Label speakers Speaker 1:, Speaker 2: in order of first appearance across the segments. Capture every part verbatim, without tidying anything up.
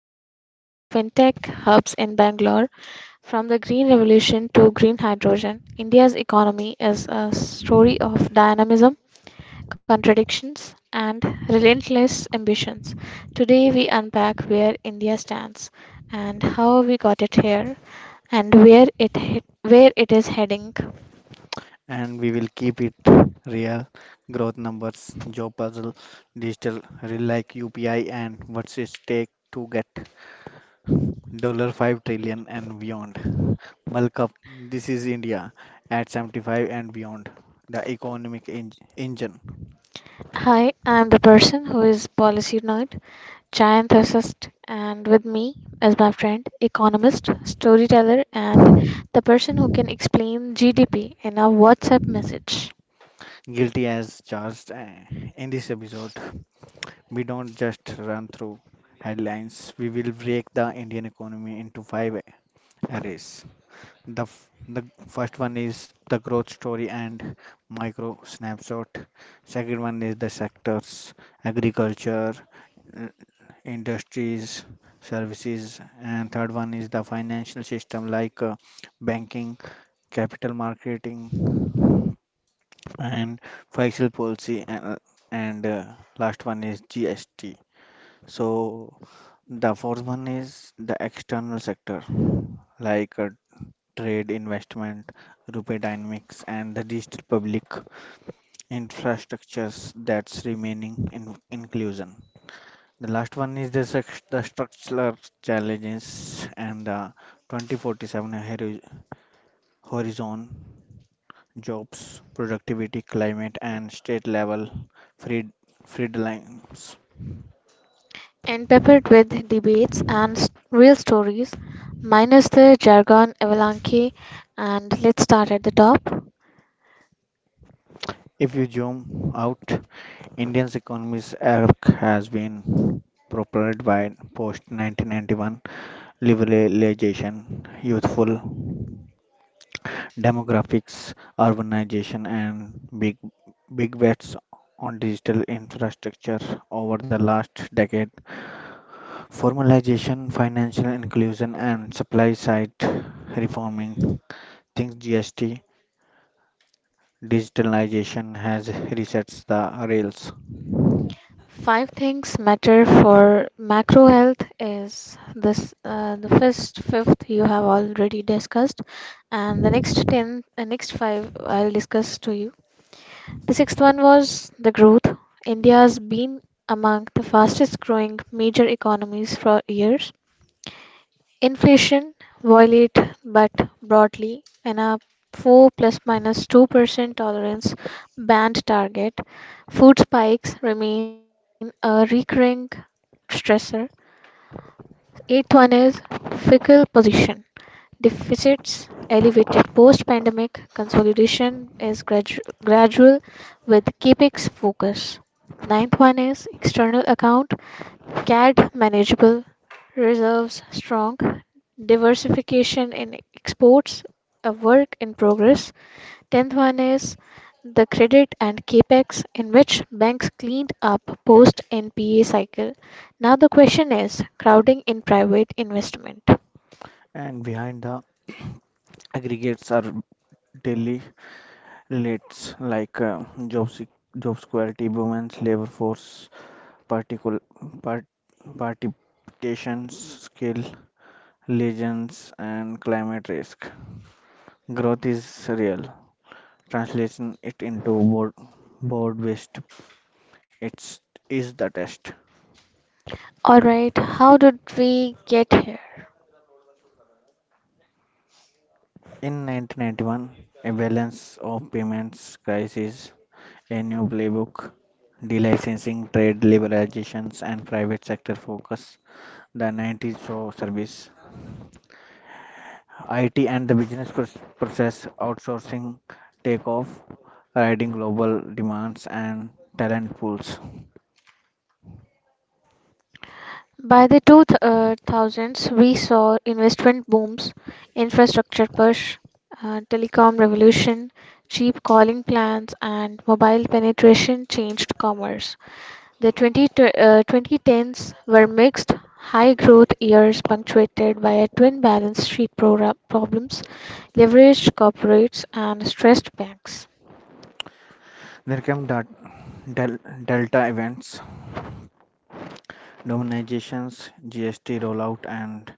Speaker 1: Chowk to fintech hubs in Bangalore, from the green revolution to green hydrogen, India's economy is a story of dynamism, contradictions, and relentless ambitions. Today, we unpack where India stands and how we got it here and where it he- where it is heading.
Speaker 2: And we will keep it real. Growth numbers, job puzzle, digital real like U P I, and what's it take to get dollar five trillion and beyond. Bulk up. This is India at seventy-five and beyond. The economic en- engine,
Speaker 1: Hi, I'm the person who is policy nerd, Giant Thesist, and with me is my friend, economist, storyteller, and the person who can explain G D P in a WhatsApp message.
Speaker 2: guilty as charged. Uh, In this episode, we don't just run through headlines. We will break the Indian economy into five areas. The f- the first one is the growth story and micro snapshot. Second one is the sectors: agriculture, uh, industries, services, and third one is the financial system, like uh, banking, capital marketing, and fiscal policy, and, and uh, last one is G S T. So the fourth one is the external sector, like uh, trade investment, rupee dynamics, and the digital public infrastructures that's remaining in inclusion. The last one is the, sex- the structural challenges and the twenty forty-seven hori- horizon, jobs, productivity, climate, and state level freed, freedoms.
Speaker 1: And peppered with debates and s- real stories, minus the jargon avalanche. And let's start at the top.
Speaker 2: If you zoom out, Indian's economy's arc has been propelled by post nineteen ninety-one liberalization, youthful demographics, urbanization, and big big bets on digital infrastructure over the last decade. Formalization, financial inclusion, and supply side reforming. Think G S T, digitalization has resets the rails,
Speaker 1: Five things matter for macro health is this, uh, the first fifth you have already discussed, and the next ten, uh, next five I'll discuss to you. The sixth one was the growth. India has been among the fastest growing major economies for years. Inflation, while it but broadly in a four plus two percent tolerance band target, food spikes remain a recurring stressor. Eighth one is fickle position. Deficits elevated post-pandemic, consolidation is gradu- gradual with CapEx focus. Ninth one is external account, C A D manageable, reserves strong, diversification in exports, a work in progress. Tenth one is the credit and capex in which banks cleaned up post N P A cycle. Now the question is crowding in private investment.
Speaker 2: and behind the aggregates are daily relates, like uh, job sec- job security, women's labor force, particular part, participations, skill, legends, and climate risk. Growth is real. Translation it into board board based. It's is the test.
Speaker 1: All right, how did we get here?
Speaker 2: In nineteen ninety-one, a balance of payments crisis, a new playbook, delicensing, trade liberalizations, and private sector focus. The nineties saw service I T and the business pros- process outsourcing take off, riding global demands and talent pools.
Speaker 1: By the two thousands, we saw investment booms, infrastructure push, uh, telecom revolution, cheap calling plans, and mobile penetration changed commerce. The twenty, uh, twenty tens were mixed, high growth years punctuated by a twin balance sheet pro- problems, leveraged corporates, and stressed banks.
Speaker 2: There came that del- Delta events, dominizations, G S T rollout, and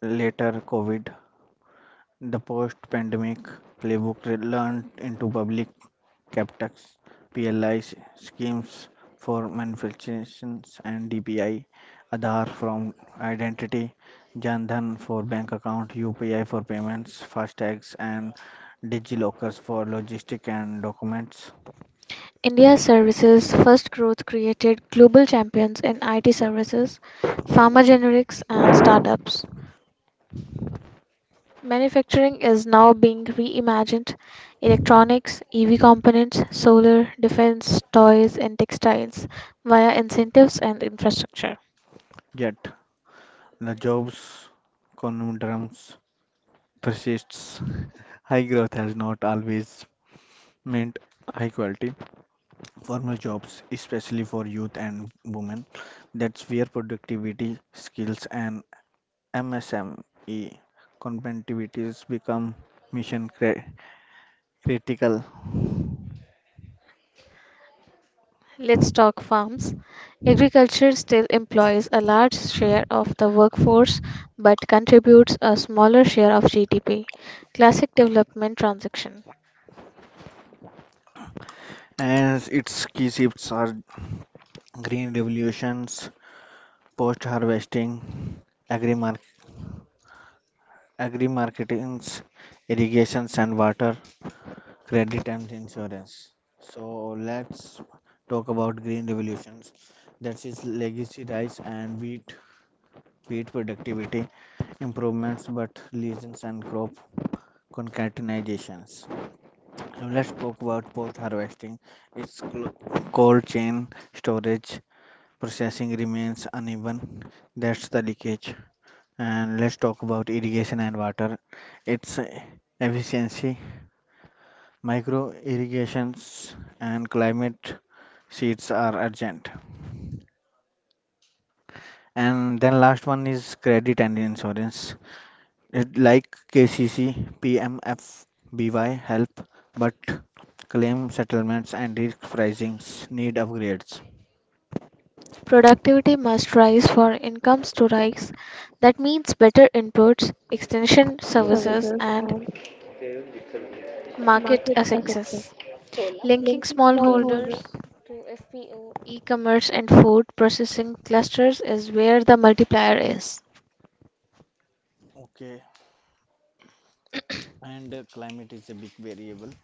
Speaker 2: later COVID. The post pandemic playbook re- learned into public CapTax, P L I schemes for manufacturers and D P I, Aadhaar from identity, Jan Dhan for bank account, U P I for payments, FASTags and DigiLockers for logistic and documents.
Speaker 1: India's Services' first growth created global champions in I T services, pharma generics, and startups. Manufacturing is now being reimagined electronics, E V components, solar, defense, toys, and textiles via incentives and infrastructure.
Speaker 2: Yet the jobs conundrums persists. High growth has not always meant high quality formal jobs, especially for youth and women. That's where productivity, skills, and M S M E competitivities become mission cri- critical
Speaker 1: Let's talk farms. Agriculture still employs a large share of the workforce but contributes a smaller share of G D P. Classic development transaction.
Speaker 2: as its key shifts are green revolutions, post-harvesting, agri-mark- agri-marketing, irrigations and water, credit and insurance. So let's talk about green revolutions. That is legacy rice and wheat, wheat productivity improvements, but lesions and crop concatenations. So let's talk about post-harvesting. Its clo- cold chain storage processing remains uneven. That's the leakage. And let's talk about irrigation and water. Its uh, efficiency, micro irrigations, and climate sheets are urgent. And then last one is credit and insurance. It, like K C C, P M F B Y help, but claim settlements and risk pricings need upgrades.
Speaker 1: Productivity must rise for incomes to rise. That means better inputs,
Speaker 2: Services,
Speaker 1: extension services, and
Speaker 2: and
Speaker 1: market
Speaker 2: market a success,
Speaker 1: access. Linking
Speaker 2: linking
Speaker 1: smallholders,
Speaker 2: smallholders.
Speaker 1: e commerce, and food processing clusters is where the multiplier is.
Speaker 2: Okay, and uh, climate is a big variable.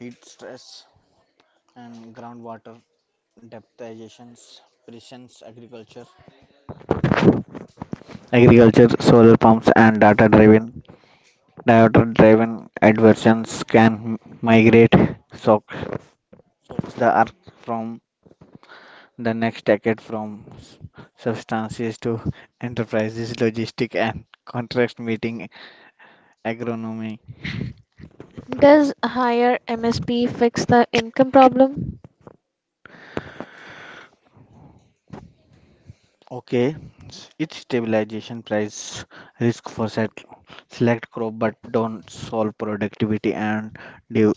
Speaker 2: Heat stress and groundwater depthizations, presence, agriculture. Agriculture, solar pumps, and data driven data driven adversions can migrate soak soaks the earth from the next decade from s- substances to enterprises, logistic and contract meeting agronomy.
Speaker 1: Does higher M S P fix the income problem?
Speaker 2: Okay, s- it's stabilization price risk for set, select crop, but don't solve productivity and due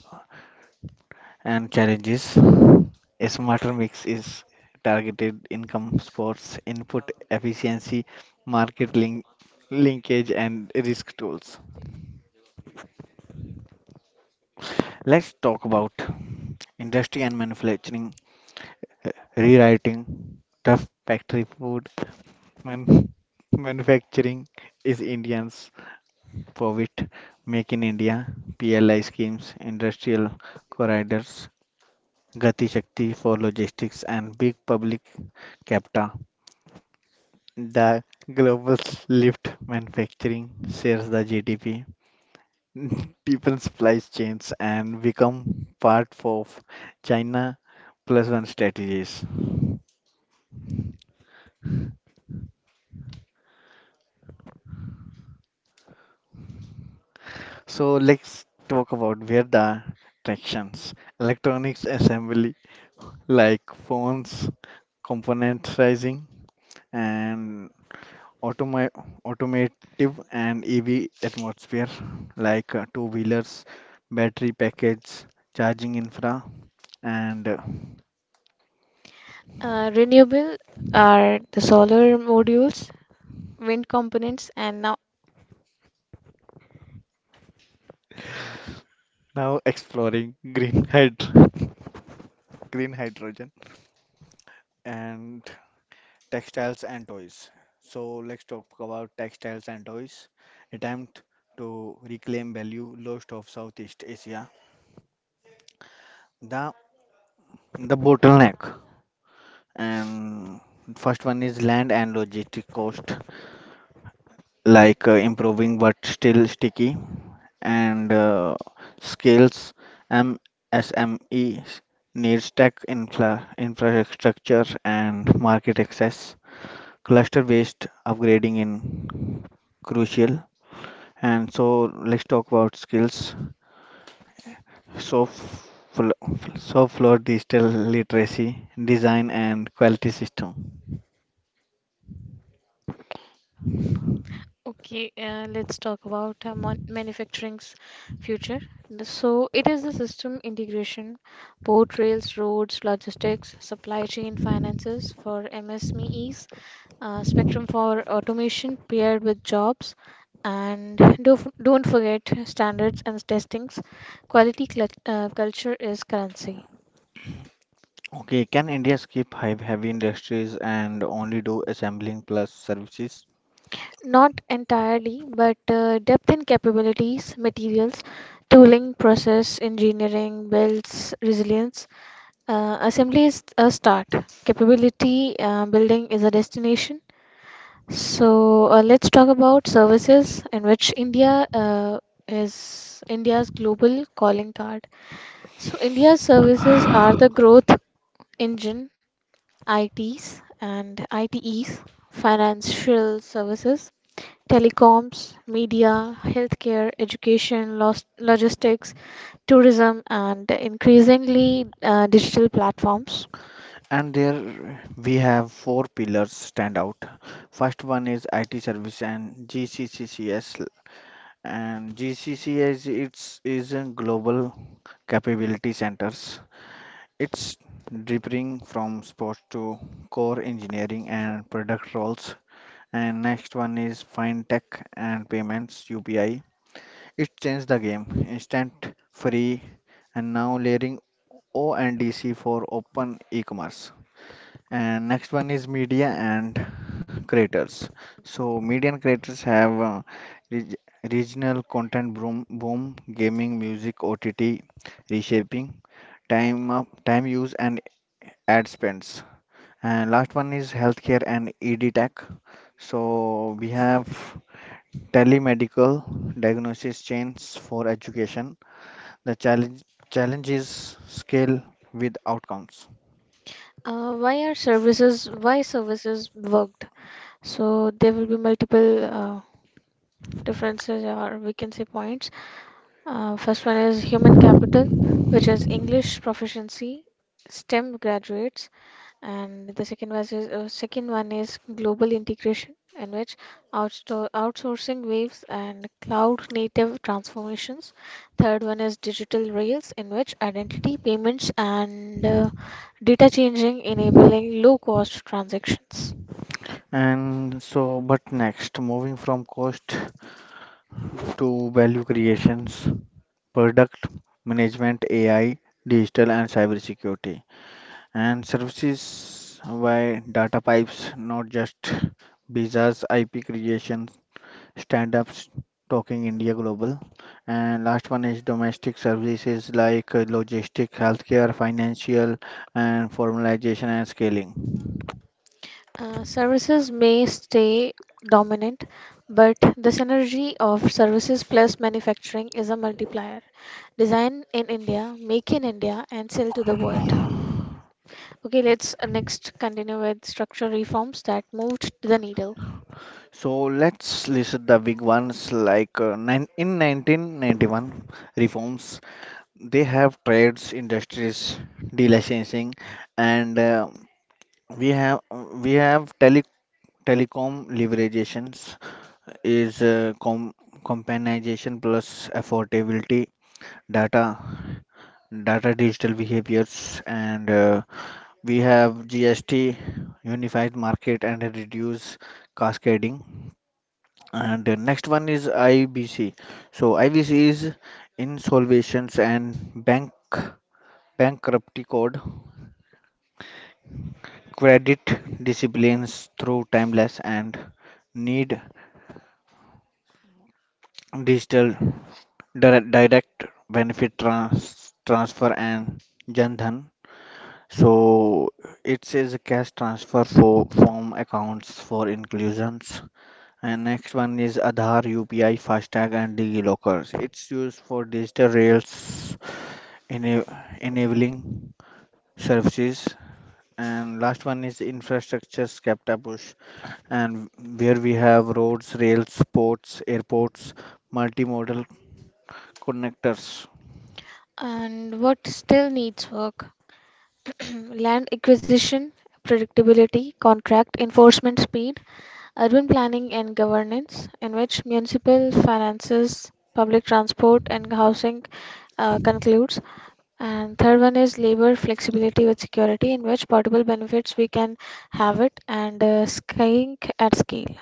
Speaker 2: and challenges. A smarter mix is targeted income sports input efficiency, market link, linkage, and risk tools. Let's talk about industry and manufacturing, uh, rewriting, tough factory food, man, manufacturing is Indians for which Make in India, P L I schemes, industrial corridors, Gati Shakti for logistics, and big public capta. The global lift manufacturing shares the G D P, deepen supply chains, and become part of China plus one strategies. So let's talk about where the tractions: electronics assembly like phones componentizing and automi automotive and E V atmosphere, like uh, two-wheelers, battery package, charging infra, and uh,
Speaker 1: Uh, renewable are the solar modules, wind components, and now.
Speaker 2: now exploring green hyd green hydrogen and textiles and toys. So let's talk about textiles and toys. Attempt to reclaim value lost of Southeast Asia. The the bottleneck, and first one is land and logistic cost. Like uh, improving but still sticky, and uh, scales M S M E needs tech infra infrastructure and market access cluster based upgrading in crucial. And so let's talk about skills. So fl- so floor digital literacy, design, and quality system.
Speaker 1: Okay, uh, let's talk about uh, mon- manufacturing's future. The- So, it is the system integration, port, rails, roads, logistics, supply chain, finances for M S M Es, uh, spectrum for automation paired with jobs, and do, don't forget standards and testings. Quality cl- uh, culture is currency.
Speaker 2: Okay, can India skip hive heavy industries and only do assembling plus services?
Speaker 1: Not entirely, but uh, depth in capabilities, materials, tooling, process, engineering, builds resilience. Uh, assembly is a start. Capability uh, building is a destination. So uh, let's talk about services in which India uh, is India's global calling card. So India's services are the growth engine, I Ts and I T Es, financial services, telecoms, media, healthcare, education, los- logistics, tourism, and increasingly uh, digital platforms.
Speaker 2: And there we have four pillars stand out. First one is IT service and G C C C S and gccs it's is a global capability centers. It's differing from sports to core engineering and product roles. And next one is fintech and payments, UPI. It changed the game: instant, free, and now layering o and dc for open e-commerce. And next one is media and creators. So media and creators have uh, reg- regional content, boom, boom, gaming, music, O T T, reshaping, time up, time use, and ad spends. And last one is healthcare and E D tech. So we have telemedical diagnosis chains for education. The challenge challenge is scale with outcomes.
Speaker 1: Uh, why are services why services worked? So there will be multiple uh, differences or we can say points. Uh, first one is human capital, which is English proficiency, STEM graduates, and the second was is, uh, second one is global integration in which outsto- outsourcing waves and cloud native transformations. Third one is digital rails in which identity payments and uh, data changing enabling low cost transactions.
Speaker 2: And so, but next, moving from cost to value creations, product management, A I, digital and cybersecurity, and services by data pipes, not just visas, I P creations, stand-ups, talking India Global. And last one is domestic services, like uh, logistic, healthcare, financial, and formalization and scaling.
Speaker 1: Uh, services may stay dominant but the synergy of services plus manufacturing is a multiplier. Design in India, make in India, and sell to the world. Okay, let's uh, next continue with structural reforms that moved the needle.
Speaker 2: So let's list the big ones, like uh, nine, in nineteen ninety-one reforms. They have trades, industries, delicensing, and uh, we have we have tele, telecom leverages is uh, com, companionization plus affordability, data, data digital behaviors, and uh, we have G S T, unified market, and reduce cascading. And the next one is I B C. So I B C is insolvencies and bank bankruptcy code. Credit disciplines through timeless and need digital dir- direct benefit trans- transfer and Jan Dhan. So it says cash transfer for form accounts for inclusions. And next one is Aadhaar, U P I, FASTag, and DigiLockers. It's used for digital rails ena- enabling services. And last one is infrastructure SCAPTA push, and where we have roads, rails, ports, airports, multimodal connectors,
Speaker 1: And what still needs work? Land acquisition, predictability, contract enforcement speed, urban planning and governance, in which municipal finances, public transport, and housing uh, concludes. And third one is labor flexibility with security, in which portable benefits we can have it and uh, skiing at scale.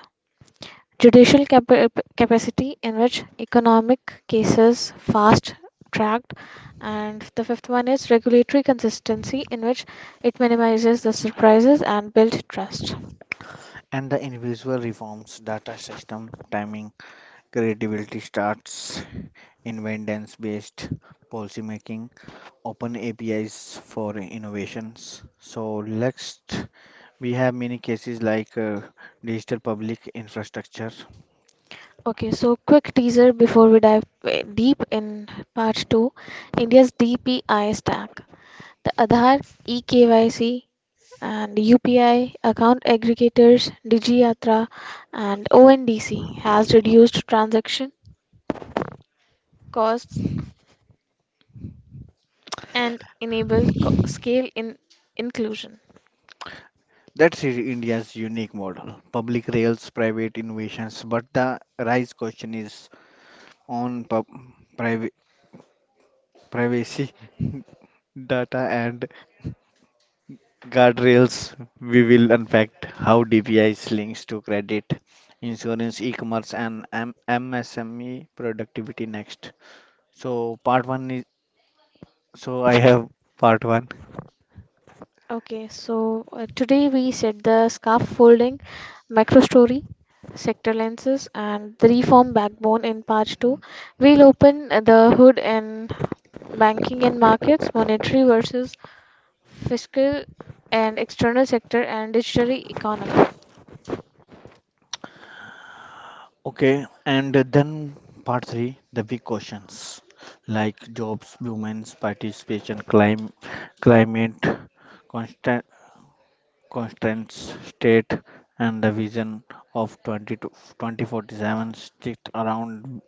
Speaker 1: Judicial capa- capacity in which economic cases fast tracked. And the fifth one is regulatory consistency in which it minimizes the surprises and build trust.
Speaker 2: and the invisible reforms, data system, timing, creativity starts, inventance based policy making open A P Is for innovations. So next we have many cases, like uh, digital public infrastructure.
Speaker 1: Okay, so quick teaser before we dive uh, deep in part two. India's DPI stack, the Aadhaar, eKYC, and UPI, account aggregators, DigiYatra, and ONDC has reduced transaction costs and enable co- scale in inclusion.
Speaker 2: That's i- India's unique model. Public rails, private innovations, but the rise question is on pub- priva- privacy, data and guardrails. We will unpack how D P Is links to credit, insurance, e-commerce, and M- MSME productivity next. So part one is So I have part one.
Speaker 1: Okay, so uh, today we said the scaffolding, micro story, sector lenses, and the reform backbone in part two. We'll open uh, the hood in banking and markets, monetary versus fiscal and external sector, and digital economy.
Speaker 2: Okay, and then part three, the big questions like jobs, women's participation, clim climate, constant constraints, state, and the vision of twenty to twenty forty-seven. Stick around.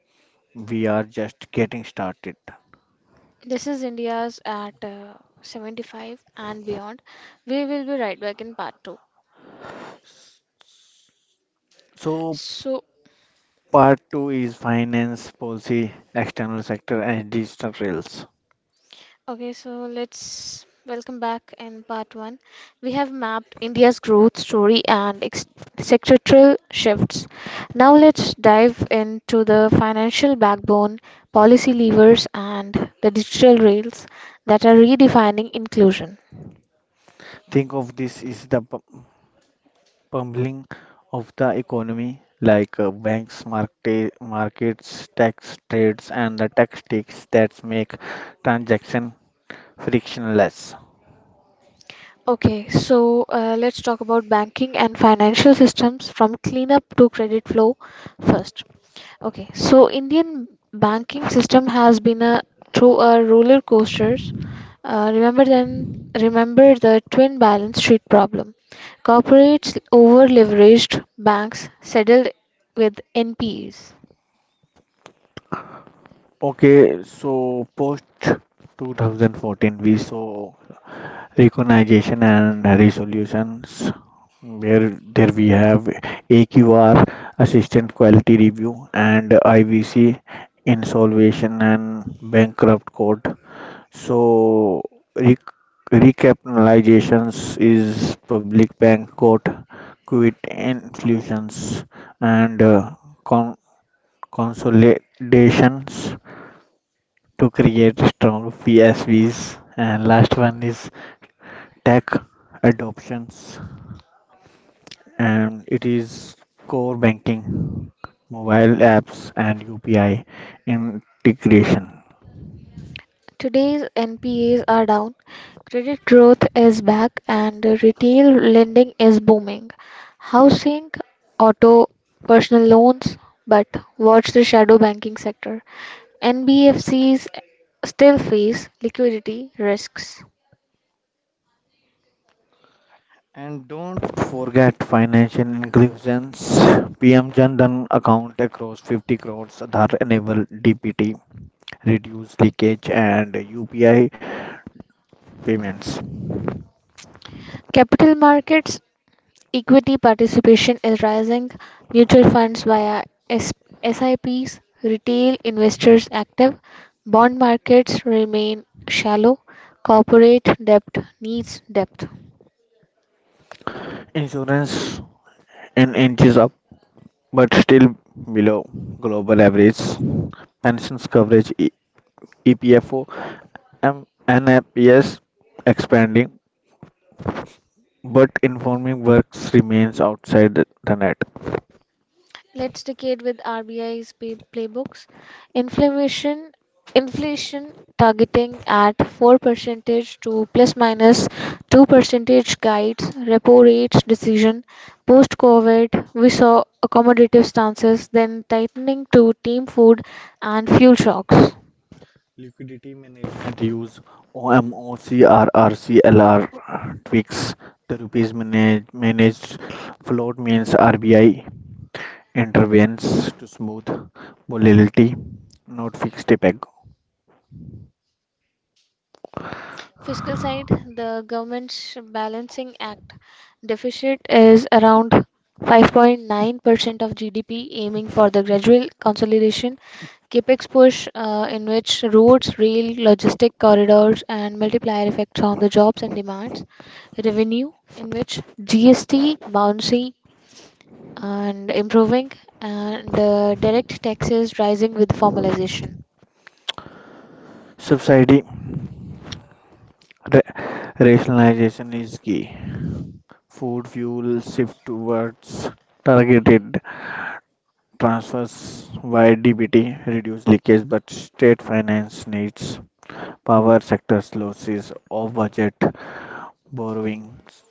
Speaker 2: We are just getting started.
Speaker 1: This is India's at uh, seventy-five and beyond. We will be right back in part two.
Speaker 2: So
Speaker 1: So,
Speaker 2: part two is finance, policy, external sector, and digital rails.
Speaker 1: Okay, so let's welcome back in part one. We have mapped India's growth story and ex- sectoral shifts. Now let's dive into the financial backbone, policy levers, and the digital rails that are redefining inclusion.
Speaker 2: Think of this is the p- pummeling of the economy, like uh, banks, market, markets, tax trades, and the tactics that make transaction frictionless.
Speaker 1: Okay, so uh, let's talk about banking and financial systems from cleanup to credit flow first. Okay, so Indian banking system has been a through a roller coasters. Uh, remember then, remember the twin balance sheet problem. Corporates over leveraged, banks settled with N P Es.
Speaker 2: Okay, so post two thousand fourteen, we saw recognition and resolutions where there we have A Q R, Assistant Quality Review, and I V C, Insolvency and Bankrupt Code. So, rec- recapitalizations is public bank got quit influtions and uh, con- consolidations to create strong P S Vs. And last one is tech adoptions, and it is core banking, mobile apps, and U P I integration.
Speaker 1: Today's N P As are down, credit growth is back, and retail lending is booming. Housing, auto, personal loans, but watch the shadow banking sector. N B F Cs still face liquidity risks.
Speaker 2: And don't forget financial inclusions. P M Jan account across fifty crores Aadhaar enable D P T, reduce leakage and U P I payments.
Speaker 1: Capital markets. Equity participation is rising. Mutual funds via S- SIPs, retail investors active. Bond markets remain shallow. Corporate debt needs depth.
Speaker 2: Insurance in inches up but still below global average. Pensions coverage E- EPFO M- N A P S expanding but informing works remains outside the net.
Speaker 1: Let's decade with R B I's pay- playbooks. Inflation inflation targeting at four percentage to plus minus two percentage guides repo rates decision. Post COVID we saw accommodative stances then tightening to team food and fuel shocks.
Speaker 2: Liquidity management use O M O, C R R, C L R tweaks. The rupees manage, managed float means R B I intervenes to smooth volatility, not fixed peg.
Speaker 1: Fiscal side, the government's balancing act deficit is around five point nine percent of G D P, aiming for the gradual consolidation. Capex push, uh, in which roads, rail, logistic corridors, and multiplier effects on the jobs and demands. Revenue, in which G S T, bouncy, and improving, and uh, direct taxes rising with formalization.
Speaker 2: Subsidy ra- rationalization is key. Food fuel shift towards targeted transfers via D B T reduce leakage, but state finance needs power sector's losses of budget borrowings.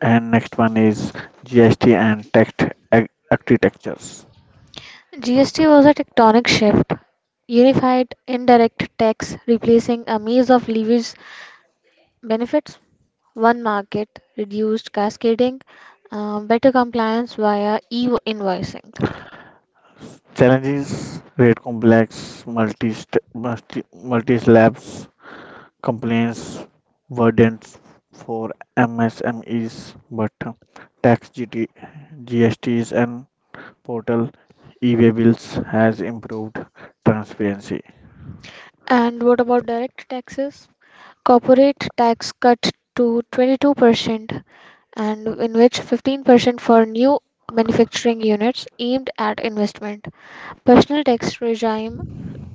Speaker 2: And next one is G S T and tax ar- architectures.
Speaker 1: G S T was a tectonic shift, unified indirect tax replacing a maze of levies benefits, one market, reduced cascading, uh, better compliance via e-invoicing.
Speaker 2: Challenges, rate complex, multi multi multi slabs, complaints, burdens for M S M Es, but uh, tax G T, G S Ts and portal e-way bills has improved transparency
Speaker 1: And what about direct taxes? Corporate tax cut to twenty-two percent and in which fifteen percent for new manufacturing units aimed at investment. Personal tax regime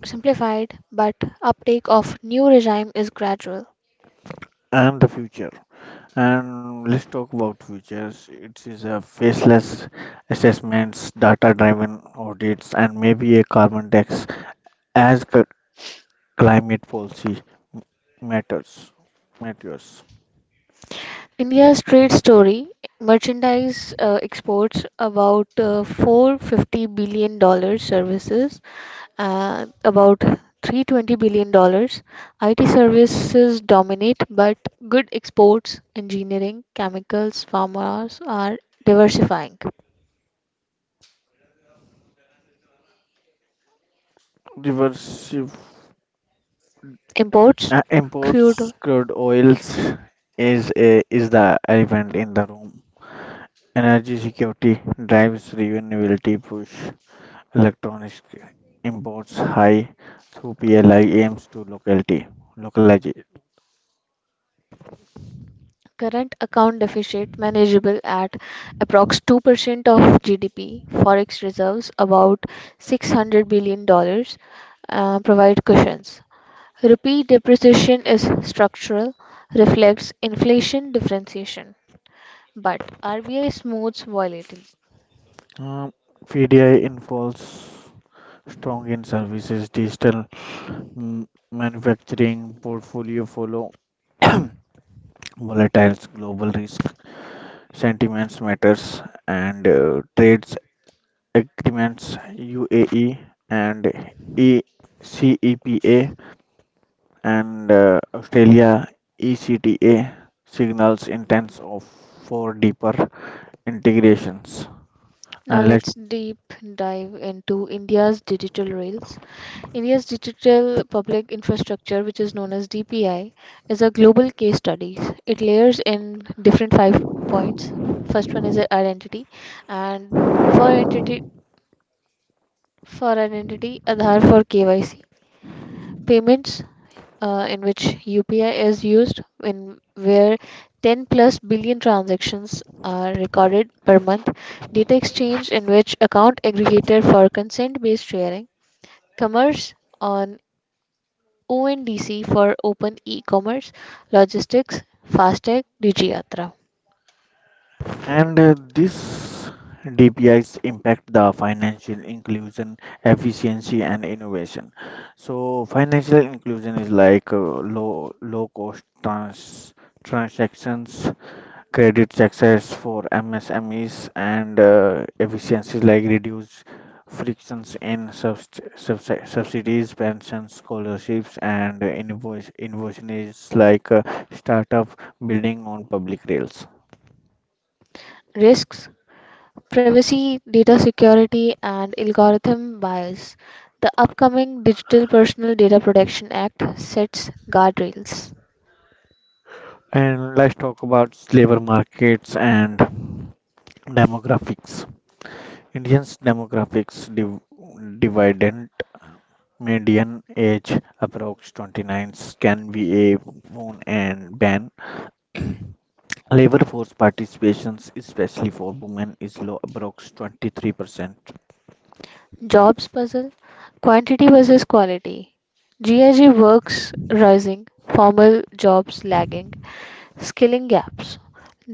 Speaker 1: simplified but uptake of new regime is gradual.
Speaker 2: and the future. And let's talk about futures. It is a faceless assessments, data-driven audits, and maybe a carbon tax as c- climate policy m- matters. Matters.
Speaker 1: India's trade story, merchandise uh, exports about uh, four hundred fifty billion dollars, services uh, about three hundred twenty billion dollars. I T services dominate, but good exports, engineering, chemicals, farmers are diversifying.
Speaker 2: Diversive,
Speaker 1: Imports,
Speaker 2: uh, imports
Speaker 1: crude.
Speaker 2: crude oils is a, is the elephant in the room. Energy security drives renewability push. Electronics, uh, imports high through P L I aims to locality localize.
Speaker 1: Current account deficit manageable at approx two percent of G D P, forex reserves about six hundred billion dollars uh, provide cushions. Rupee depreciation is structural, reflects inflation differentiation, but R B I smooths volatility.
Speaker 2: Um, V D I involves strong in services, digital mm, manufacturing, portfolio follow, volatiles, global risk, sentiments matters, and uh, trades agreements, U A E and E C E P A and uh, Australia E C T A signals intents of for deeper integrations.
Speaker 1: Now
Speaker 2: And let's
Speaker 1: let's deep dive into India's digital rails. India's digital public infrastructure, which is known as D P I, is a global case study. It layers in different five points. First one is the identity, and for identity, for identity, Aadhaar for K Y C, payments uh, in which U P I is used, in where ten plus billion transactions are recorded per month, data exchange in which account aggregator for consent-based sharing, commerce on O N D C for open e-commerce, logistics, FASTag, DigiYatra.
Speaker 2: And uh, This D P Is impact the financial inclusion, efficiency, and innovation. So financial inclusion is like uh, low low cost trans transactions, credit access for M S M Es, and uh, efficiencies like reduce frictions in subs subs- subsidies, pensions, scholarships, and uh, invoice innovation is like uh, startup building on public rails.
Speaker 1: Risks, privacy, data security, and algorithm bias. The upcoming Digital Personal Data Protection Act sets guardrails.
Speaker 2: And let's talk about labor markets and demographics. Indians' demographics div- dividend median age approx twenty-nine can be a boon and ban. Labor force participation, especially for women, is low, approx twenty-three percent.
Speaker 1: Jobs puzzle, quantity versus quality. GIG works rising, formal jobs lagging, skilling gaps.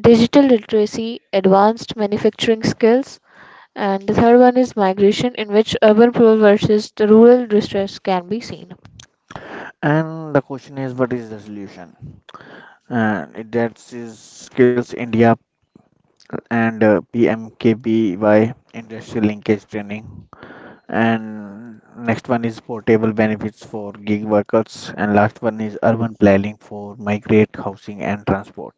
Speaker 1: Digital literacy, advanced manufacturing skills. And the third one is migration, in which urban poor versus the rural distress can be seen.
Speaker 2: And the question is, what is the solution? Uh, that is Skills India and uh, P M K B Y industrial linkage training. And next one is portable benefits for gig workers. And last one is urban planning for migrate housing and transport.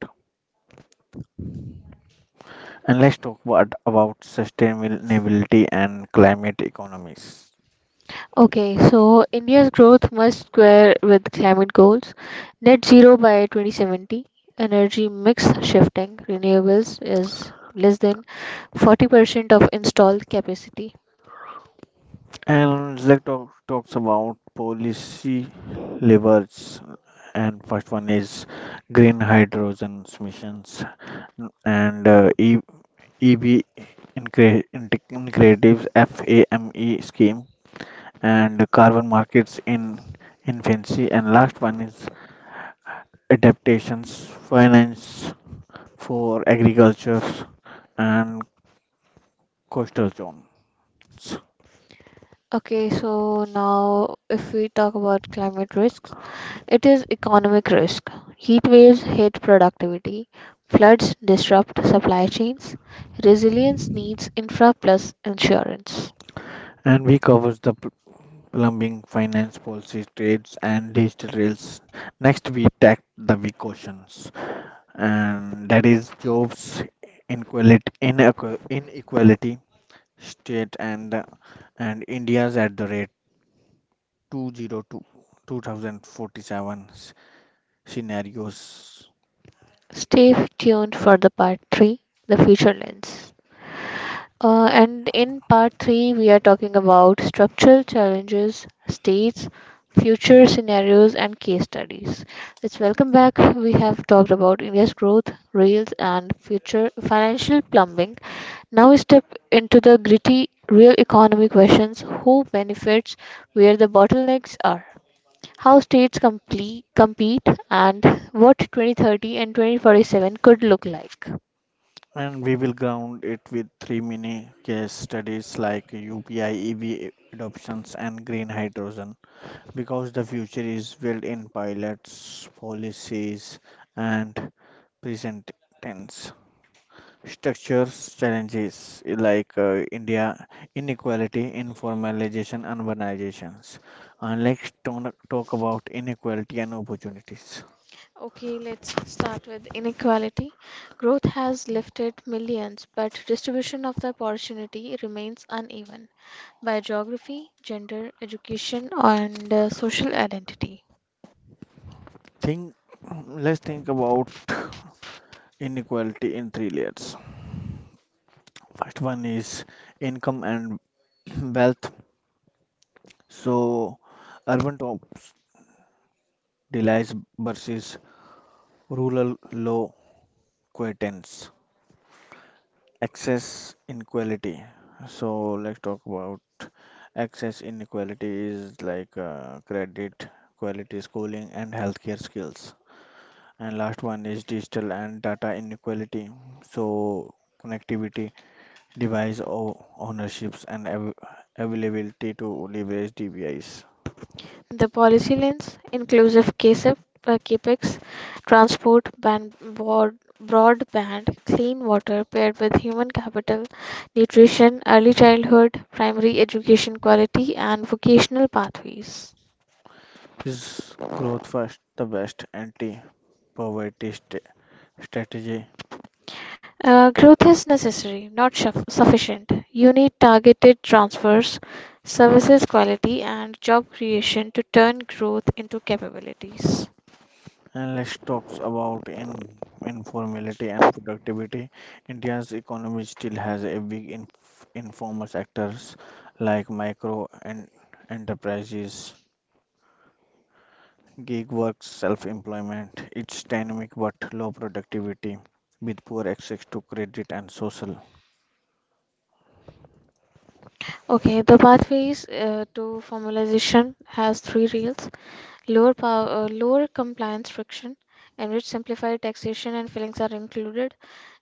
Speaker 2: And let's talk about, about sustainability and climate economies.
Speaker 1: Okay, so India's growth must square with climate goals, net zero by twenty seventy, energy mix shifting, renewables is less than forty percent of installed capacity.
Speaker 2: And let's talk talks about policy levers. And first one is green hydrogen emissions and uh, E- EB incre- integratives FAME scheme and carbon markets in infancy, and last one is adaptations, finance for agriculture and coastal zones.
Speaker 1: Okay, so now if we talk about climate risks, it is economic risk. Heat waves hit productivity, floods disrupt supply chains, resilience needs infra plus insurance.
Speaker 2: And we covers the pl- plumbing, finance, policies, trades, and digital rails. Next, we tackle the big questions, and that is jobs, inequality, inequ- inequality, state, and and India's at the rate two oh two two thousand forty-seven scenarios.
Speaker 1: Stay tuned for the part three, the future lens. Uh, and in part three, we are talking about structural challenges, states, future scenarios, and case studies. Let's welcome back. We have talked about India's growth, rails, and future financial plumbing. Now we step into the gritty real economy questions who benefits, where the bottlenecks are, how states complete, compete, and what twenty thirty and twenty forty-seven could look like.
Speaker 2: And we will ground it with three mini case studies like U P I, E V adoptions, and green hydrogen because the future is built in pilots, policies, and present tense. Structures challenges like uh, India inequality, informalization, urbanizations. And let's talk, talk about inequality and opportunities.
Speaker 1: Okay, let's start with inequality. Growth has lifted millions, but distribution of the opportunity remains uneven by geography, gender, education, and uh, social identity.
Speaker 2: Think, let's think about inequality in three layers. First one is income and wealth. So urban top relies versus rural low quittance. Access inequality. So let's talk about access inequality is like uh, credit, quality schooling and healthcare skills. And last one is digital and data inequality. So connectivity device o- ownerships and av- availability to leverage D B Is.
Speaker 1: The policy lens, inclusive C A S I P, uh, CAPEX, transport, ban- broad, broadband, clean water paired with human capital, nutrition, early childhood, primary education quality, and vocational pathways.
Speaker 2: Is Is growth first the best anti-poverty st- strategy?
Speaker 1: Uh, growth is necessary, not suff- sufficient. You need targeted transfers, services quality, and job creation to turn growth into capabilities.
Speaker 2: And let's talk about in- informality and productivity. India's economy still has a big inf- informal sectors like micro and enterprises, gig work, self-employment. It's dynamic but low productivity with poor access to credit and social.
Speaker 1: Okay, the pathways uh, to formalization has three rails. Lower power, uh, lower compliance friction, in which simplified taxation and filings are included.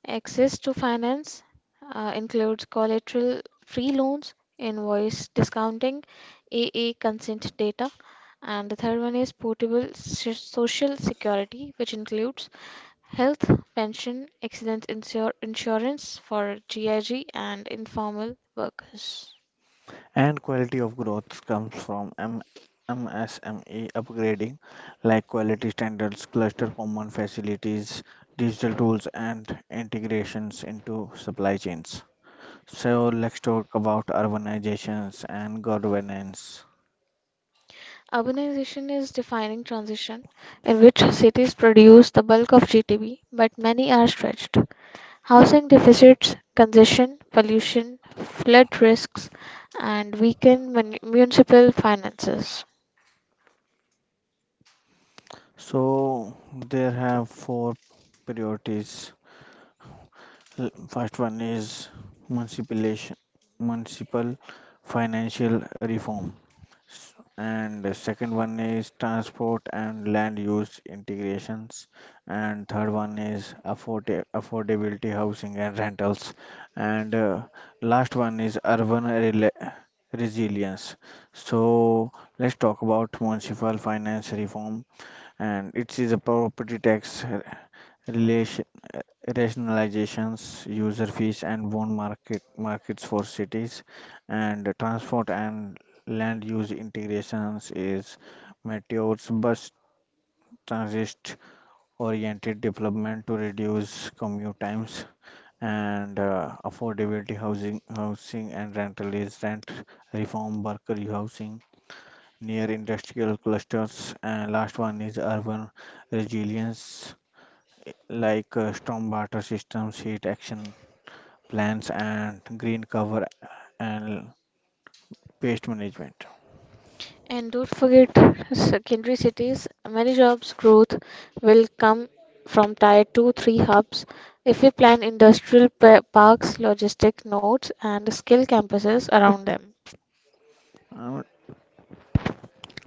Speaker 1: Access to finance uh, includes collateral free loans, invoice discounting, A A consent data. And the third one is portable so- social security, which includes health, pension, accident insur- insurance for GIG and informal workers.
Speaker 2: And quality of growth comes from M- MSME upgrading, like quality standards, cluster common facilities, digital tools, and integrations into supply chains. So, let's talk about urbanizations and governance.
Speaker 1: Urbanization is defining transition in which cities produce the bulk of G D P, but many are stretched. Housing deficits, congestion, pollution, flood risks, and weaken mun- municipal finances.
Speaker 2: So, there have four priorities. L- First one is municipalization, municipal financial reform. S- And the second one is transport and land use integrations. And third one is afford affordability, housing and rentals. And uh, last one is urban rela- resilience. So let's talk about municipal finance reform. And it is a property tax uh, relation uh, rationalizations, user fees, and bond market markets for cities, and transport and land use integrations is Meteor's bus transit oriented development to reduce commute times and uh, affordability housing housing and rental is rent reform worker housing near industrial clusters and last one is urban resilience like uh, storm water systems heat action plans and green cover and pest management.
Speaker 1: And don't forget secondary cities. Many jobs growth will come from tier two three hubs. If we plan industrial pa- parks, logistic nodes, and skill campuses around them.
Speaker 2: Uh,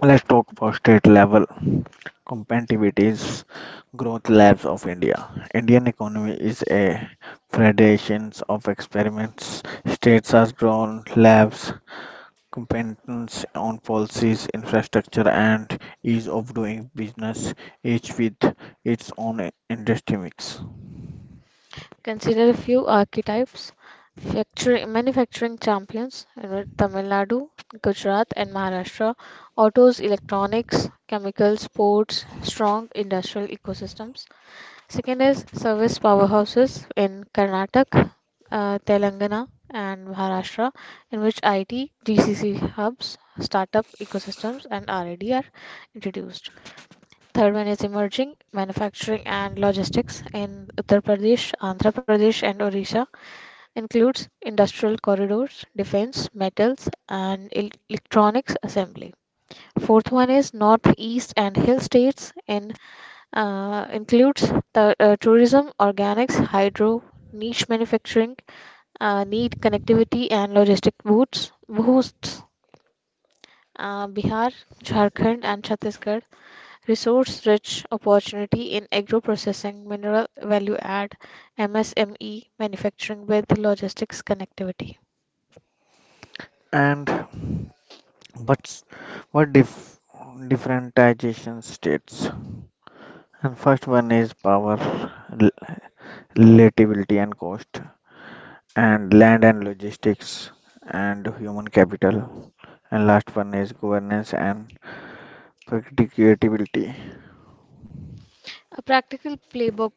Speaker 2: Let's talk about state level competitivities, growth labs of India. Indian economy is a federation of experiments. States are drawn labs, competence on policies, infrastructure, and ease of doing business, each with its own industry mix.
Speaker 1: Consider a few archetypes. Factory- manufacturing champions in Tamil Nadu, Gujarat, and Maharashtra, autos, electronics, chemicals, ports, strong industrial ecosystems. Second is service powerhouses in Karnataka, uh, Telangana, and Maharashtra, in which I T, G C C hubs, startup ecosystems, and R and D are introduced. Third one is emerging manufacturing and logistics in Uttar Pradesh, Andhra Pradesh, and Orissa includes industrial corridors, defense, metals, and el- electronics assembly. Fourth one is northeast and hill states in uh, includes the, uh, tourism, organics, hydro, niche manufacturing, uh, need connectivity and logistic boots, boosts. Uh, Bihar, Jharkhand, and Chhattisgarh resource-rich opportunity in agro-processing, mineral value add, M S M E manufacturing with logistics connectivity.
Speaker 2: And but what dif- differentiation states? And first one is power liability and cost, and land and logistics, and human capital. And last one is governance and predictability.
Speaker 1: A practical playbook.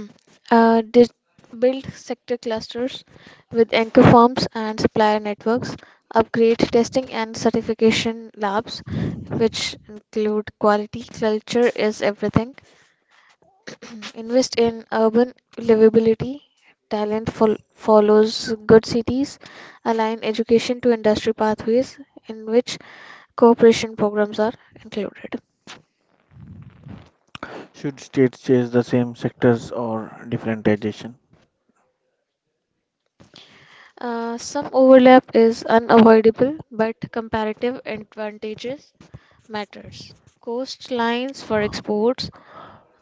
Speaker 1: uh, dis- Build sector clusters with anchor firms and supplier networks, upgrade testing and certification labs, which include quality, culture is everything. Mm. Invest in urban livability. Talent fol- follows good cities. Align education to industry pathways in which cooperation programs are included.
Speaker 2: Should states chase the same sectors or differentiation?
Speaker 1: Uh, some overlap is unavoidable, but comparative advantages matters. Coastlines for exports,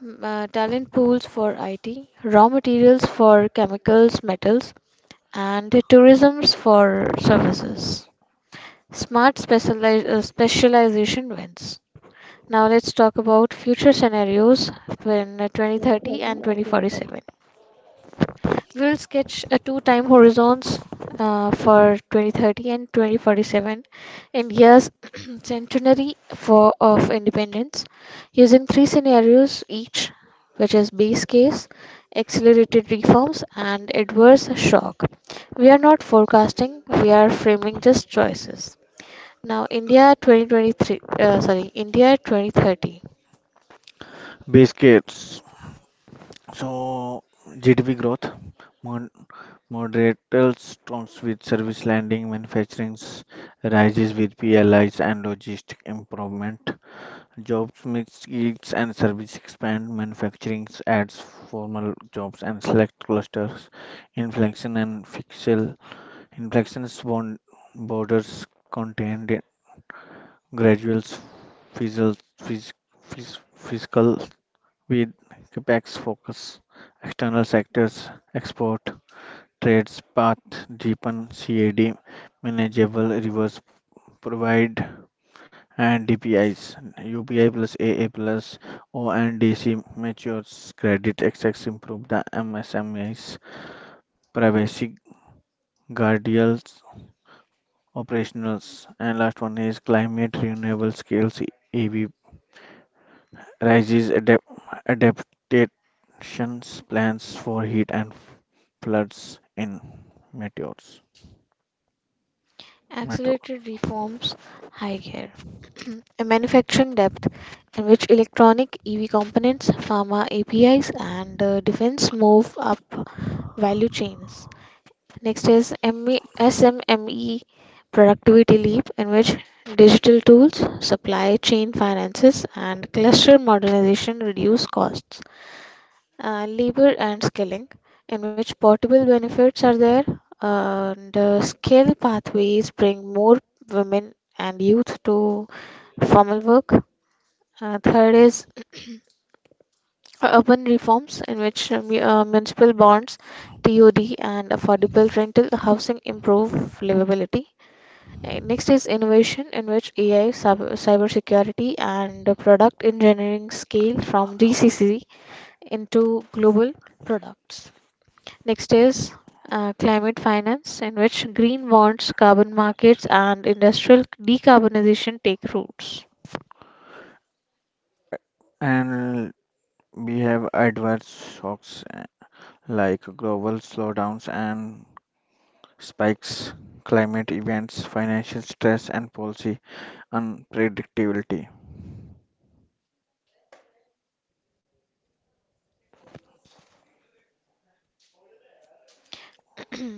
Speaker 1: m- uh, talent pools for I T, raw materials for chemicals, metals, and tourisms for services. Smart specialize, uh, specialization wins. Now let's talk about future scenarios when uh, twenty thirty
Speaker 2: twenty thirty
Speaker 1: and
Speaker 2: and twenty forty.
Speaker 1: twenty forty-seven. We will sketch a two-time horizons uh, for twenty thirty and twenty forty-seven in years, centenary for of independence, using three scenarios each, which is base case, accelerated reforms, and adverse shock. We are not forecasting, we are framing just choices. Now, India twenty twenty-three, uh, sorry, India twenty thirty.
Speaker 2: Base case. So G D P growth, mod- moderates storms with service landing, manufacturing rises with P L Is and logistic improvement. Jobs mix yields and service expand, manufacturing adds formal jobs and select clusters, inflation and fictional inflections bond borders contained graduals fizzle phys, phys, fiscal with capex focus, external sectors, export, trades path deepen C A D manageable reverse provide and D P Is, U P I plus A A plus O N D C matures credit access improve the M S M Es, privacy guardians, operationals, and last one is climate renewable scales E V rises adapt adaptations plans for heat and floods in meteors meteors.
Speaker 1: Accelerated reforms, high care. A manufacturing depth in which electronic E V components, pharma A P Is, and uh, defense move up value chains. Next is M E, S M M E productivity leap in which digital tools, supply chain finances, and cluster modernization reduce costs. Uh, labor and scaling, in which portable benefits are there, and uh, skill pathways bring more women and youth to formal work. Uh, third is urban reforms, in which uh, mu- uh, municipal bonds, T O D, and affordable rental housing improve livability. Uh, Next is innovation, in which A I, cyber cybersecurity, and uh, product engineering scale from G C C into global products. Next is uh, climate finance, in which green bonds, carbon markets, and industrial decarbonization take roots.
Speaker 2: And we have adverse shocks eh, like global slowdowns and spikes, climate events, financial stress, and policy unpredictability.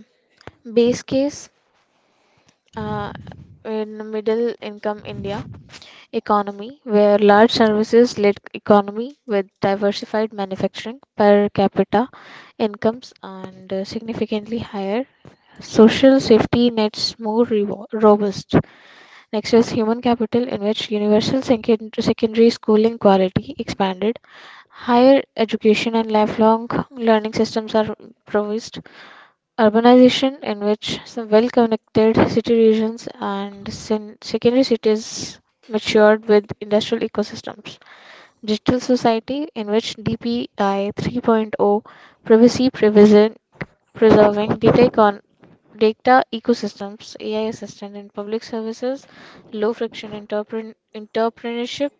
Speaker 1: Base case, uh, in middle income India economy, where large services led economy with diversified manufacturing per capita incomes and uh, significantly higher social safety nets more revo- robust. Next is human capital, in which universal second- secondary schooling quality expanded higher education and lifelong learning systems are improvised. Urbanization, in which some well connected city regions and sen- secondary cities matured with industrial ecosystems. Digital society, in which D P I 3.0 privacy prevision- preserving data econ- data ecosystems, A I assistant in public services, low friction entrepren- entrepreneurship,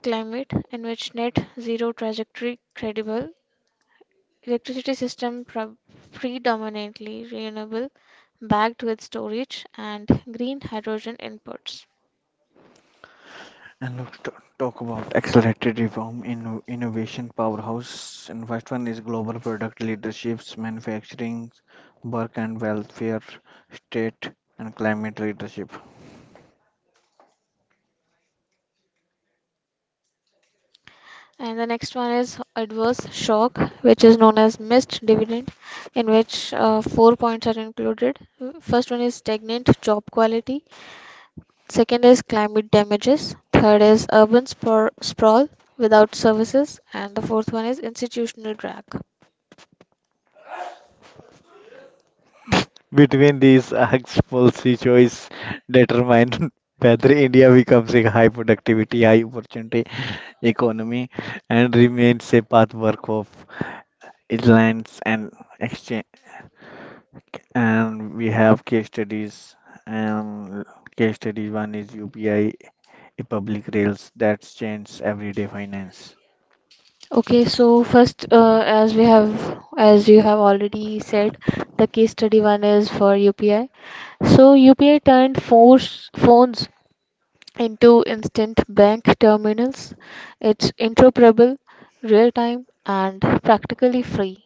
Speaker 1: climate in which net zero trajectory credible. Electricity system pro- predominantly renewable, backed with storage and green hydrogen inputs.
Speaker 2: And let's t- talk about accelerated reform in innovation powerhouse. And first one is global product leaderships, manufacturing, work and welfare, state and climate leadership.
Speaker 1: And the next one is adverse shock, which is known as missed dividend, in which uh, four points are included. First one is stagnant job quality. Second is climate damages. Third is urban spor- sprawl without services. And the fourth one is institutional drag.
Speaker 2: Between these acts, policy choice determine whether India becomes a high productivity, high opportunity economy and remains a path work islands and exchange. And we have case studies and case study one is U P I, a public rails that changes everyday finance.
Speaker 1: Okay, so first, uh, as we have, as you have already said, the case study one is for U P I. So U P I turned phones phones into instant bank terminals. It's interoperable, real time, and practically free.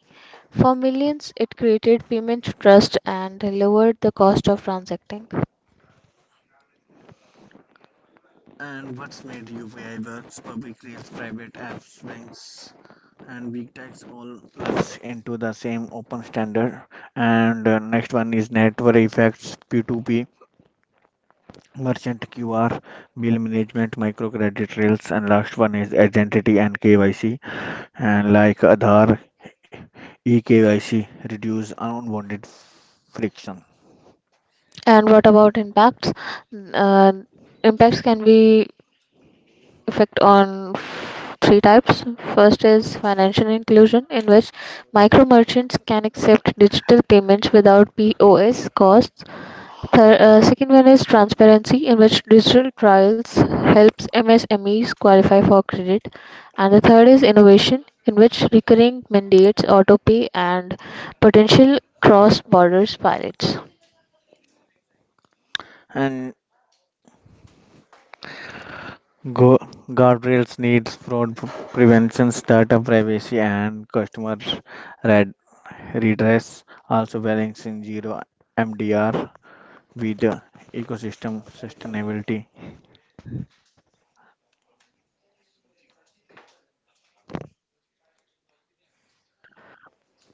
Speaker 1: For millions, it created payment trust and lowered the cost of transacting.
Speaker 2: And what's made U P I works public rails private apps banks and big techs all plugs into the same open standard. And uh, next one is network effects P two P merchant Q R bill management microcredit rails and last one is identity and K Y C. And like Aadhaar, eKYC reduce unwanted friction.
Speaker 1: And what about impacts? Uh, Impacts can be effect on three types. First is financial inclusion, in which micro merchants can accept digital payments without P O S costs. Thir uh, Second one is transparency, in which digital trials helps M S M Es qualify for credit. And the third is innovation, in which recurring mandates, auto pay, and potential cross-border pilots.
Speaker 2: And go- guardrails needs fraud p- prevention, data privacy, and customer red- redress. Also balancing zero M D R with the ecosystem sustainability.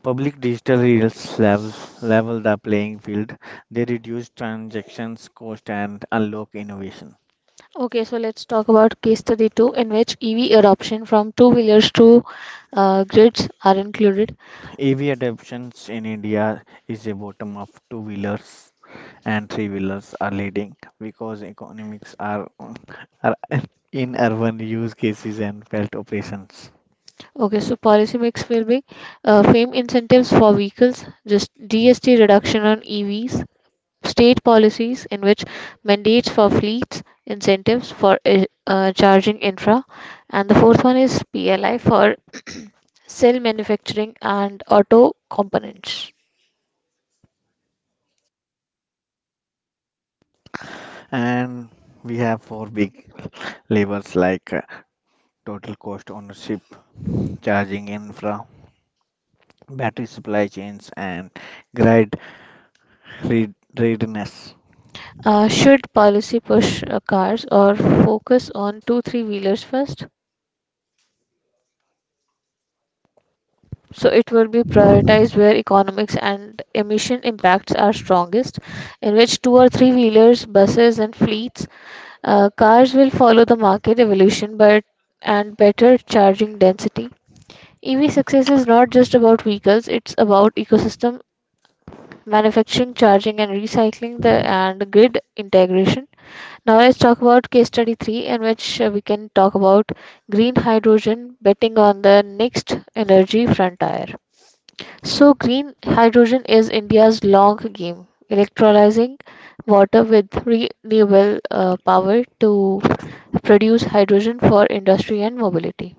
Speaker 2: Public digital rails level, level the playing field. They reduce transactions cost and unlock innovation.
Speaker 1: Okay, so let's talk about case study two in which E V adoption from two-wheelers to uh, grids are included.
Speaker 2: A V adoptions in India is a bottom of two wheelers and three wheelers are leading because economics are, are in urban use cases and felt operations.
Speaker 1: Okay, so policy mix will be uh, FAME incentives for vehicles, just G S T reduction on E Vs, state policies in which mandates for fleets, incentives for uh, uh, charging infra, and the fourth one is P L I for cell manufacturing and auto components.
Speaker 2: And we have four big levers like uh, total cost ownership, charging infra, battery supply chains, and grid read- readiness.
Speaker 1: Uh, should policy push uh, cars or focus on two, three wheelers first? So it will be prioritized where economics and emission impacts are strongest, in which two or three wheelers, buses, and fleets, uh, cars will follow the market evolution but and better charging density. E V success is not just about vehicles, it's about ecosystem manufacturing, charging and recycling the and grid integration. Now let's talk about case study three in which uh, we can talk about green hydrogen betting on the next energy frontier. So, green hydrogen is India's long game, electrolyzing water with renewable uh, power to produce hydrogen for industry and mobility.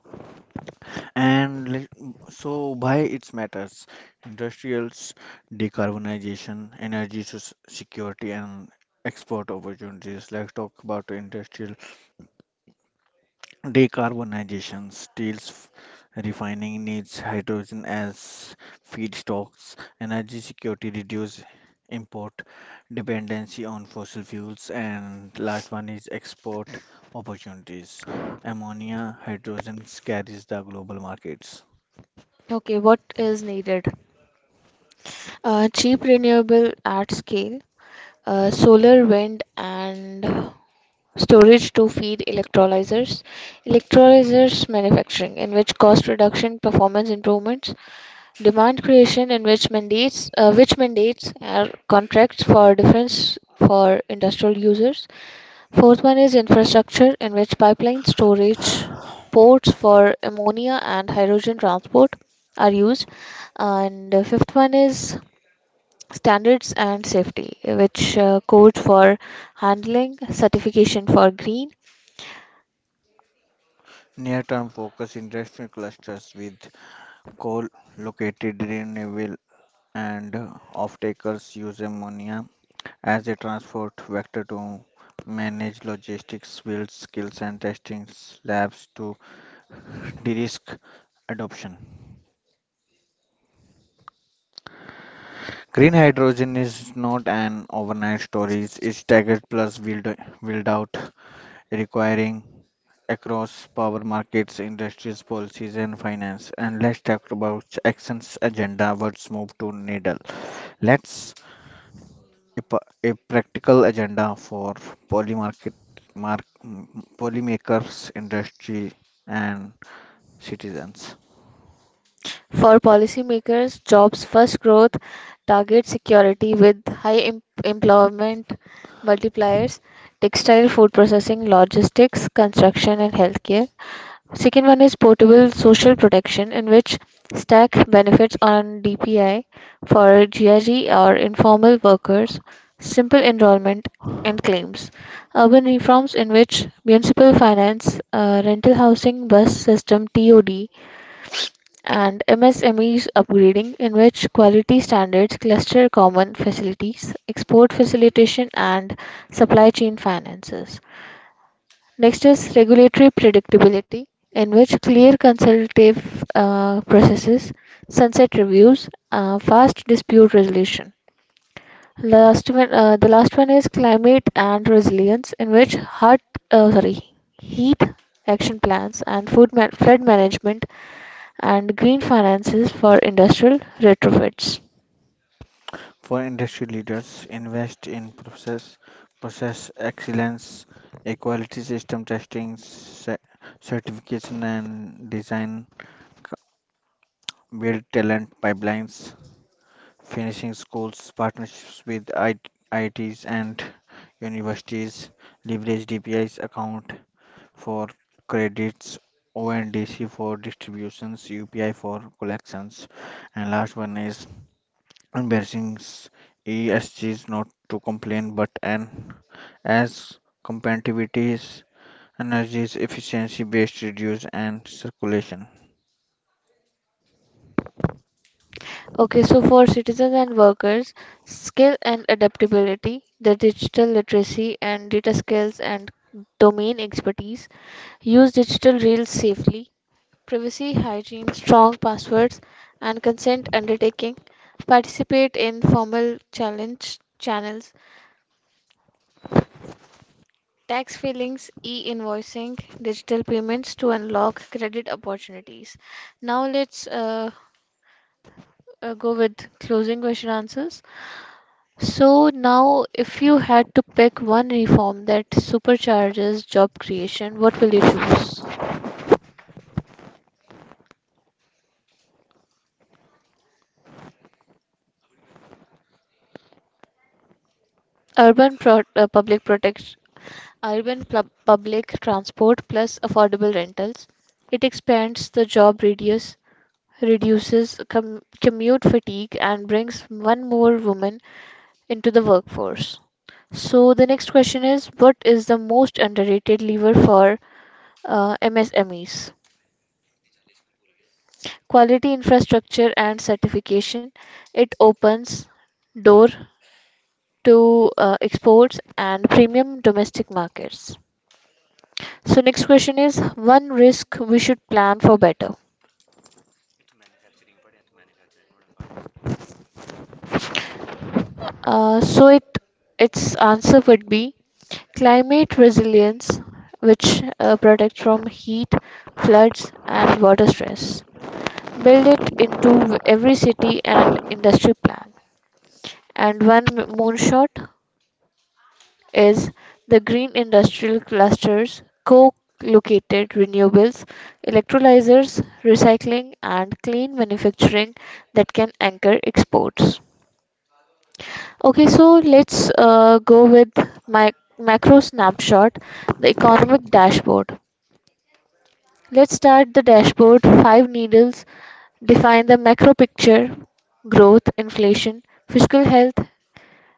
Speaker 2: And let- so why it matters? Industrials, decarbonization, energy s- security, and export opportunities. Let's talk about industrial decarbonization. Steel's f- refining needs hydrogen as feedstocks. Energy security reduce import dependency on fossil fuels. And last one is export opportunities. Ammonia, hydrogen carries the global markets.
Speaker 1: Okay, what is needed? Uh, cheap renewable at scale, uh, solar, wind, and storage to feed electrolyzers. Electrolyzers manufacturing, in which cost reduction, performance improvements, demand creation in which mandates uh, which mandates are contracts for defense for industrial users. Fourth one is infrastructure in which pipeline storage ports for ammonia and hydrogen transport are used. And uh, fifth one is standards and safety, which uh, code for handling, certification for green.
Speaker 2: Near-term focus industrial clusters with coal located renewable and uh, off-takers use ammonia as a transport vector to manage logistics, build skills and testing labs to de-risk adoption. Green hydrogen is not an overnight story, it's staggered plus build, build out requiring across power markets, industries, policies, and finance. And let's talk about actions agenda. What's move to needle? Let's a, pa- a practical agenda for poly market, mark, m- polymakers, industry, and citizens.
Speaker 1: For policymakers, jobs first growth targets security with high em- employment multipliers, textile, food processing, logistics, construction, and healthcare. Second one is portable social protection, in which stack benefits on D P I for GIG or informal workers, simple enrollment and claims. Urban reforms, in which municipal finance, uh, rental housing, bus system, T O D, and M S M Es upgrading, in which quality standards cluster common facilities, export facilitation, and supply chain finances. Next is regulatory predictability, in which clear consultative uh, processes, sunset reviews, uh, fast dispute resolution. Last one, uh, the last one is climate and resilience, in which hot, uh, sorry, heat action plans and food ma- flood management and green finances for industrial retrofits.
Speaker 2: For industry leaders, invest in process, process excellence, equality system testing, cer- certification, and design build talent pipelines finishing schools, partnerships with I- IITs and universities, leverage D P I's account for credits, O N D C for distributions, U P I for collections, and last one is embarrassing s- E S Gs not to complain but an as competitiveness energies, efficiency based reduce and circulation.
Speaker 1: Okay, so for citizens and workers, skill and adaptability, the digital literacy and data skills and domain expertise, use digital reels safely, privacy, hygiene, strong passwords, and consent undertaking, participate in formal challenge channels, tax filings, e invoicing, digital payments to unlock credit opportunities. Now let's uh, uh, go with closing question answers. So now, if you had to pick one reform that supercharges job creation, what will you choose? Urban pro- uh, public protect, Urban pub public transport plus affordable rentals. It expands the job radius, reduces com- commute fatigue, and brings one more woman into the workforce. So the next question is, what is the most underrated lever for uh, M S M Es? Quality infrastructure and certification. It opens door to uh, exports and premium domestic markets. So next question is one risk we should plan for better. Uh, so it its answer would be climate resilience, which uh, protects from heat, floods, and water stress. Build it into every city and industry plan. And one moonshot is the green industrial clusters co-located renewables, electrolyzers, recycling and clean manufacturing that can anchor exports. Okay, so let's uh, go with my macro snapshot, the economic dashboard. Let's start the dashboard. Five needles define the macro picture growth, inflation, fiscal health,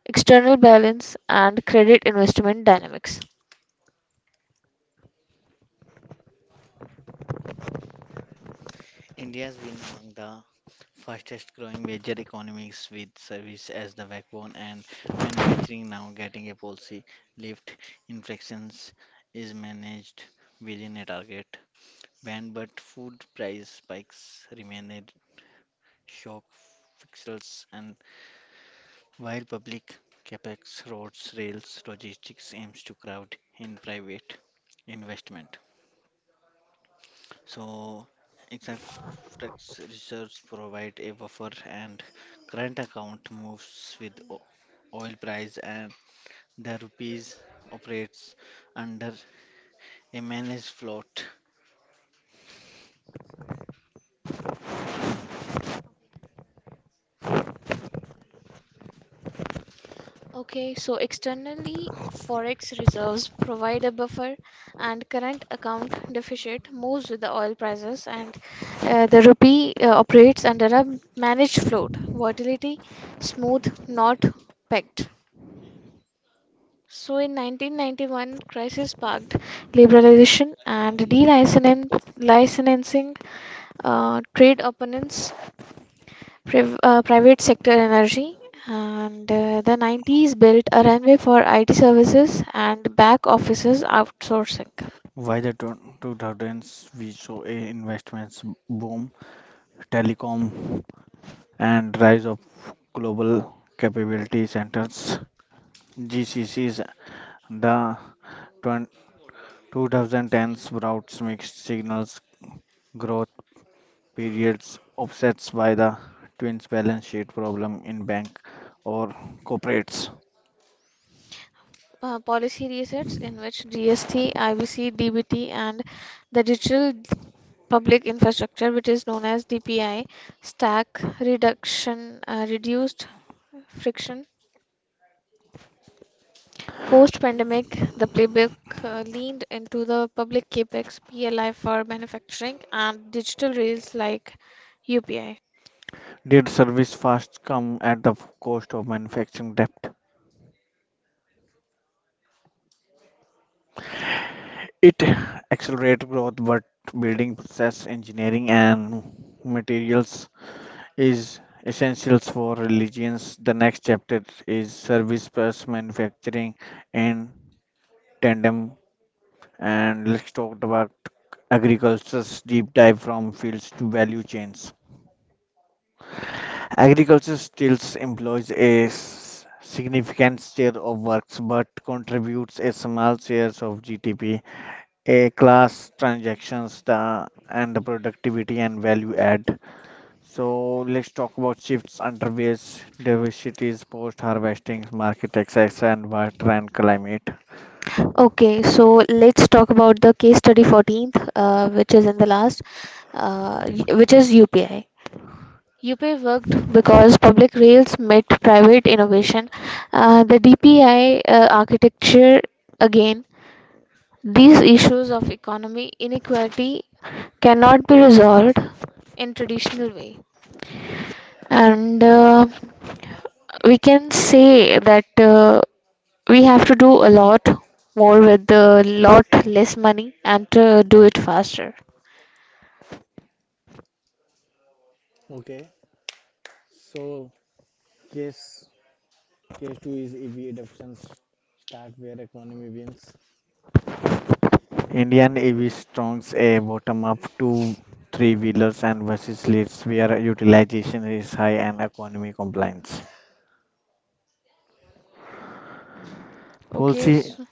Speaker 1: external balance, and credit investment dynamics. Okay, so externally, forex reserves provide a buffer, and current account deficit moves with the oil prices, and uh, the rupee uh, operates under a managed float, volatility smooth, not pegged. So in nineteen ninety-one, crisis sparked liberalization and delicensing, licensing uh, trade opponents priv- uh, private sector energy and uh, the nineties built a runway for I T services and back offices outsourcing.
Speaker 2: Why the twen- two thousands we saw a investments boom telecom, and rise of global capability centers (G C Cs). The twenty tens brought mixed signals growth periods offsets by the twins balance sheet problem in bank or corporates.
Speaker 1: Uh, policy resets in which G S T, I B C, D B T, and the digital public infrastructure, which is known as D P I, stack reduction uh, reduced friction. Post pandemic, the playbook uh, leaned into the public capex, P L I for manufacturing, and digital rails like U P I.
Speaker 2: Did service fast come at the cost of manufacturing depth? It accelerated growth, but building process engineering and materials is essentials for religions. The next chapter is service plus manufacturing and tandem. And let's talk about agriculture's deep dive from fields to value chains. Agriculture still employs a s- significant share of works but contributes a small share of G D P, a class transactions the, and the productivity and value add. So let's talk about shifts, underways, diversities, post-harvesting, market access, and water and climate.
Speaker 1: Okay, so let's talk about the case study fourteenth, uh, which is in the last, uh, y- which is U P I. U P I worked because public rails met private innovation. Uh, the D P I uh, architecture, again, these issues of economy inequality cannot be resolved in traditional way. And uh, we can say that uh, we have to do a lot more with a lot less money and to do it faster.
Speaker 2: Okay, so case case two is E V adoptions, start where economy wins. Indian E V strongs a bottom-up two three-wheelers and versus leads where utilization is high and economy compliance.
Speaker 1: Okay,
Speaker 2: Policy
Speaker 1: so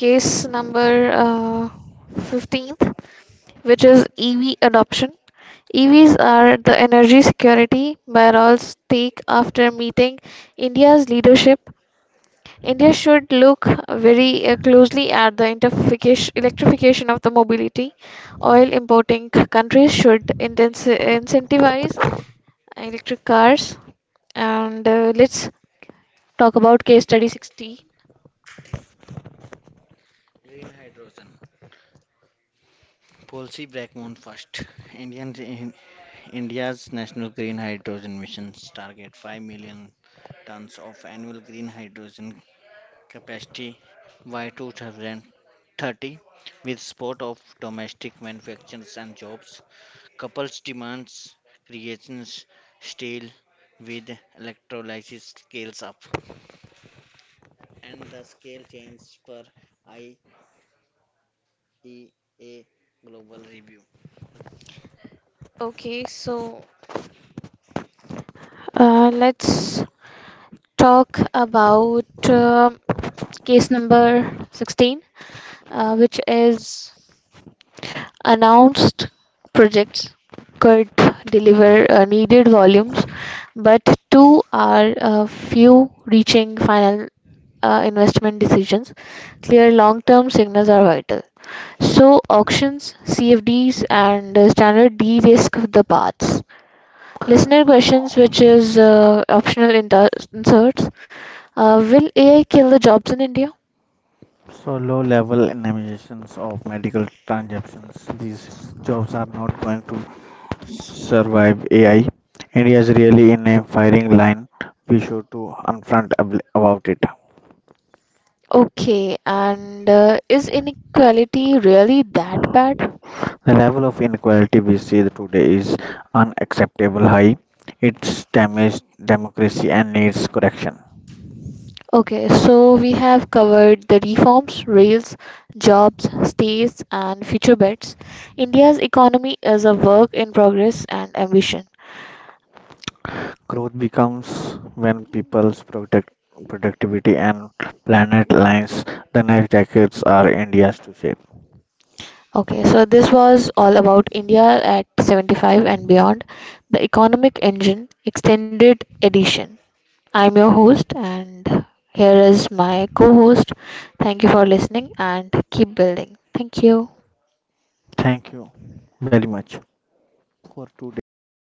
Speaker 1: case number uh, fifteenth, which is E V adoption. E Vs are the energy security Bharat's take after meeting India's leadership. India should look very uh, closely at the interfication- electrification of the mobility. Oil importing c- countries should intensi- incentivize electric cars. And uh, let's talk about case study sixty. Okay, so uh, let's talk about um case number sixteen, uh, which is announced projects could deliver uh, needed volumes, but two are uh, few reaching final uh, investment decisions. Clear long term signals are vital. So auctions, C F Ds, and uh, standard de-risk the paths. Listener questions, which is uh, optional inter- inserts. Uh, will A I kill the jobs in India?
Speaker 2: so low-level emissions of medical transactions. These jobs are not going to survive AI. India is really in a firing line. We should to confront ab- about it.
Speaker 1: Okay, and uh, is inequality really that bad?
Speaker 2: The level of inequality we see today is unacceptable high. It's damaged democracy and needs correction.
Speaker 1: Okay, so we have covered the reforms, rails, jobs, stays, and future bets. India's economy is a work in progress and ambition.
Speaker 2: Growth becomes when people's product, productivity and planet lines. The next decades are India's to shape.
Speaker 1: Okay, so this was all about India at seventy-five and beyond, the economic engine extended edition. I'm your host, and here is my co host. Thank you for listening and keep building. Thank you.
Speaker 2: Thank you very much for today's episode.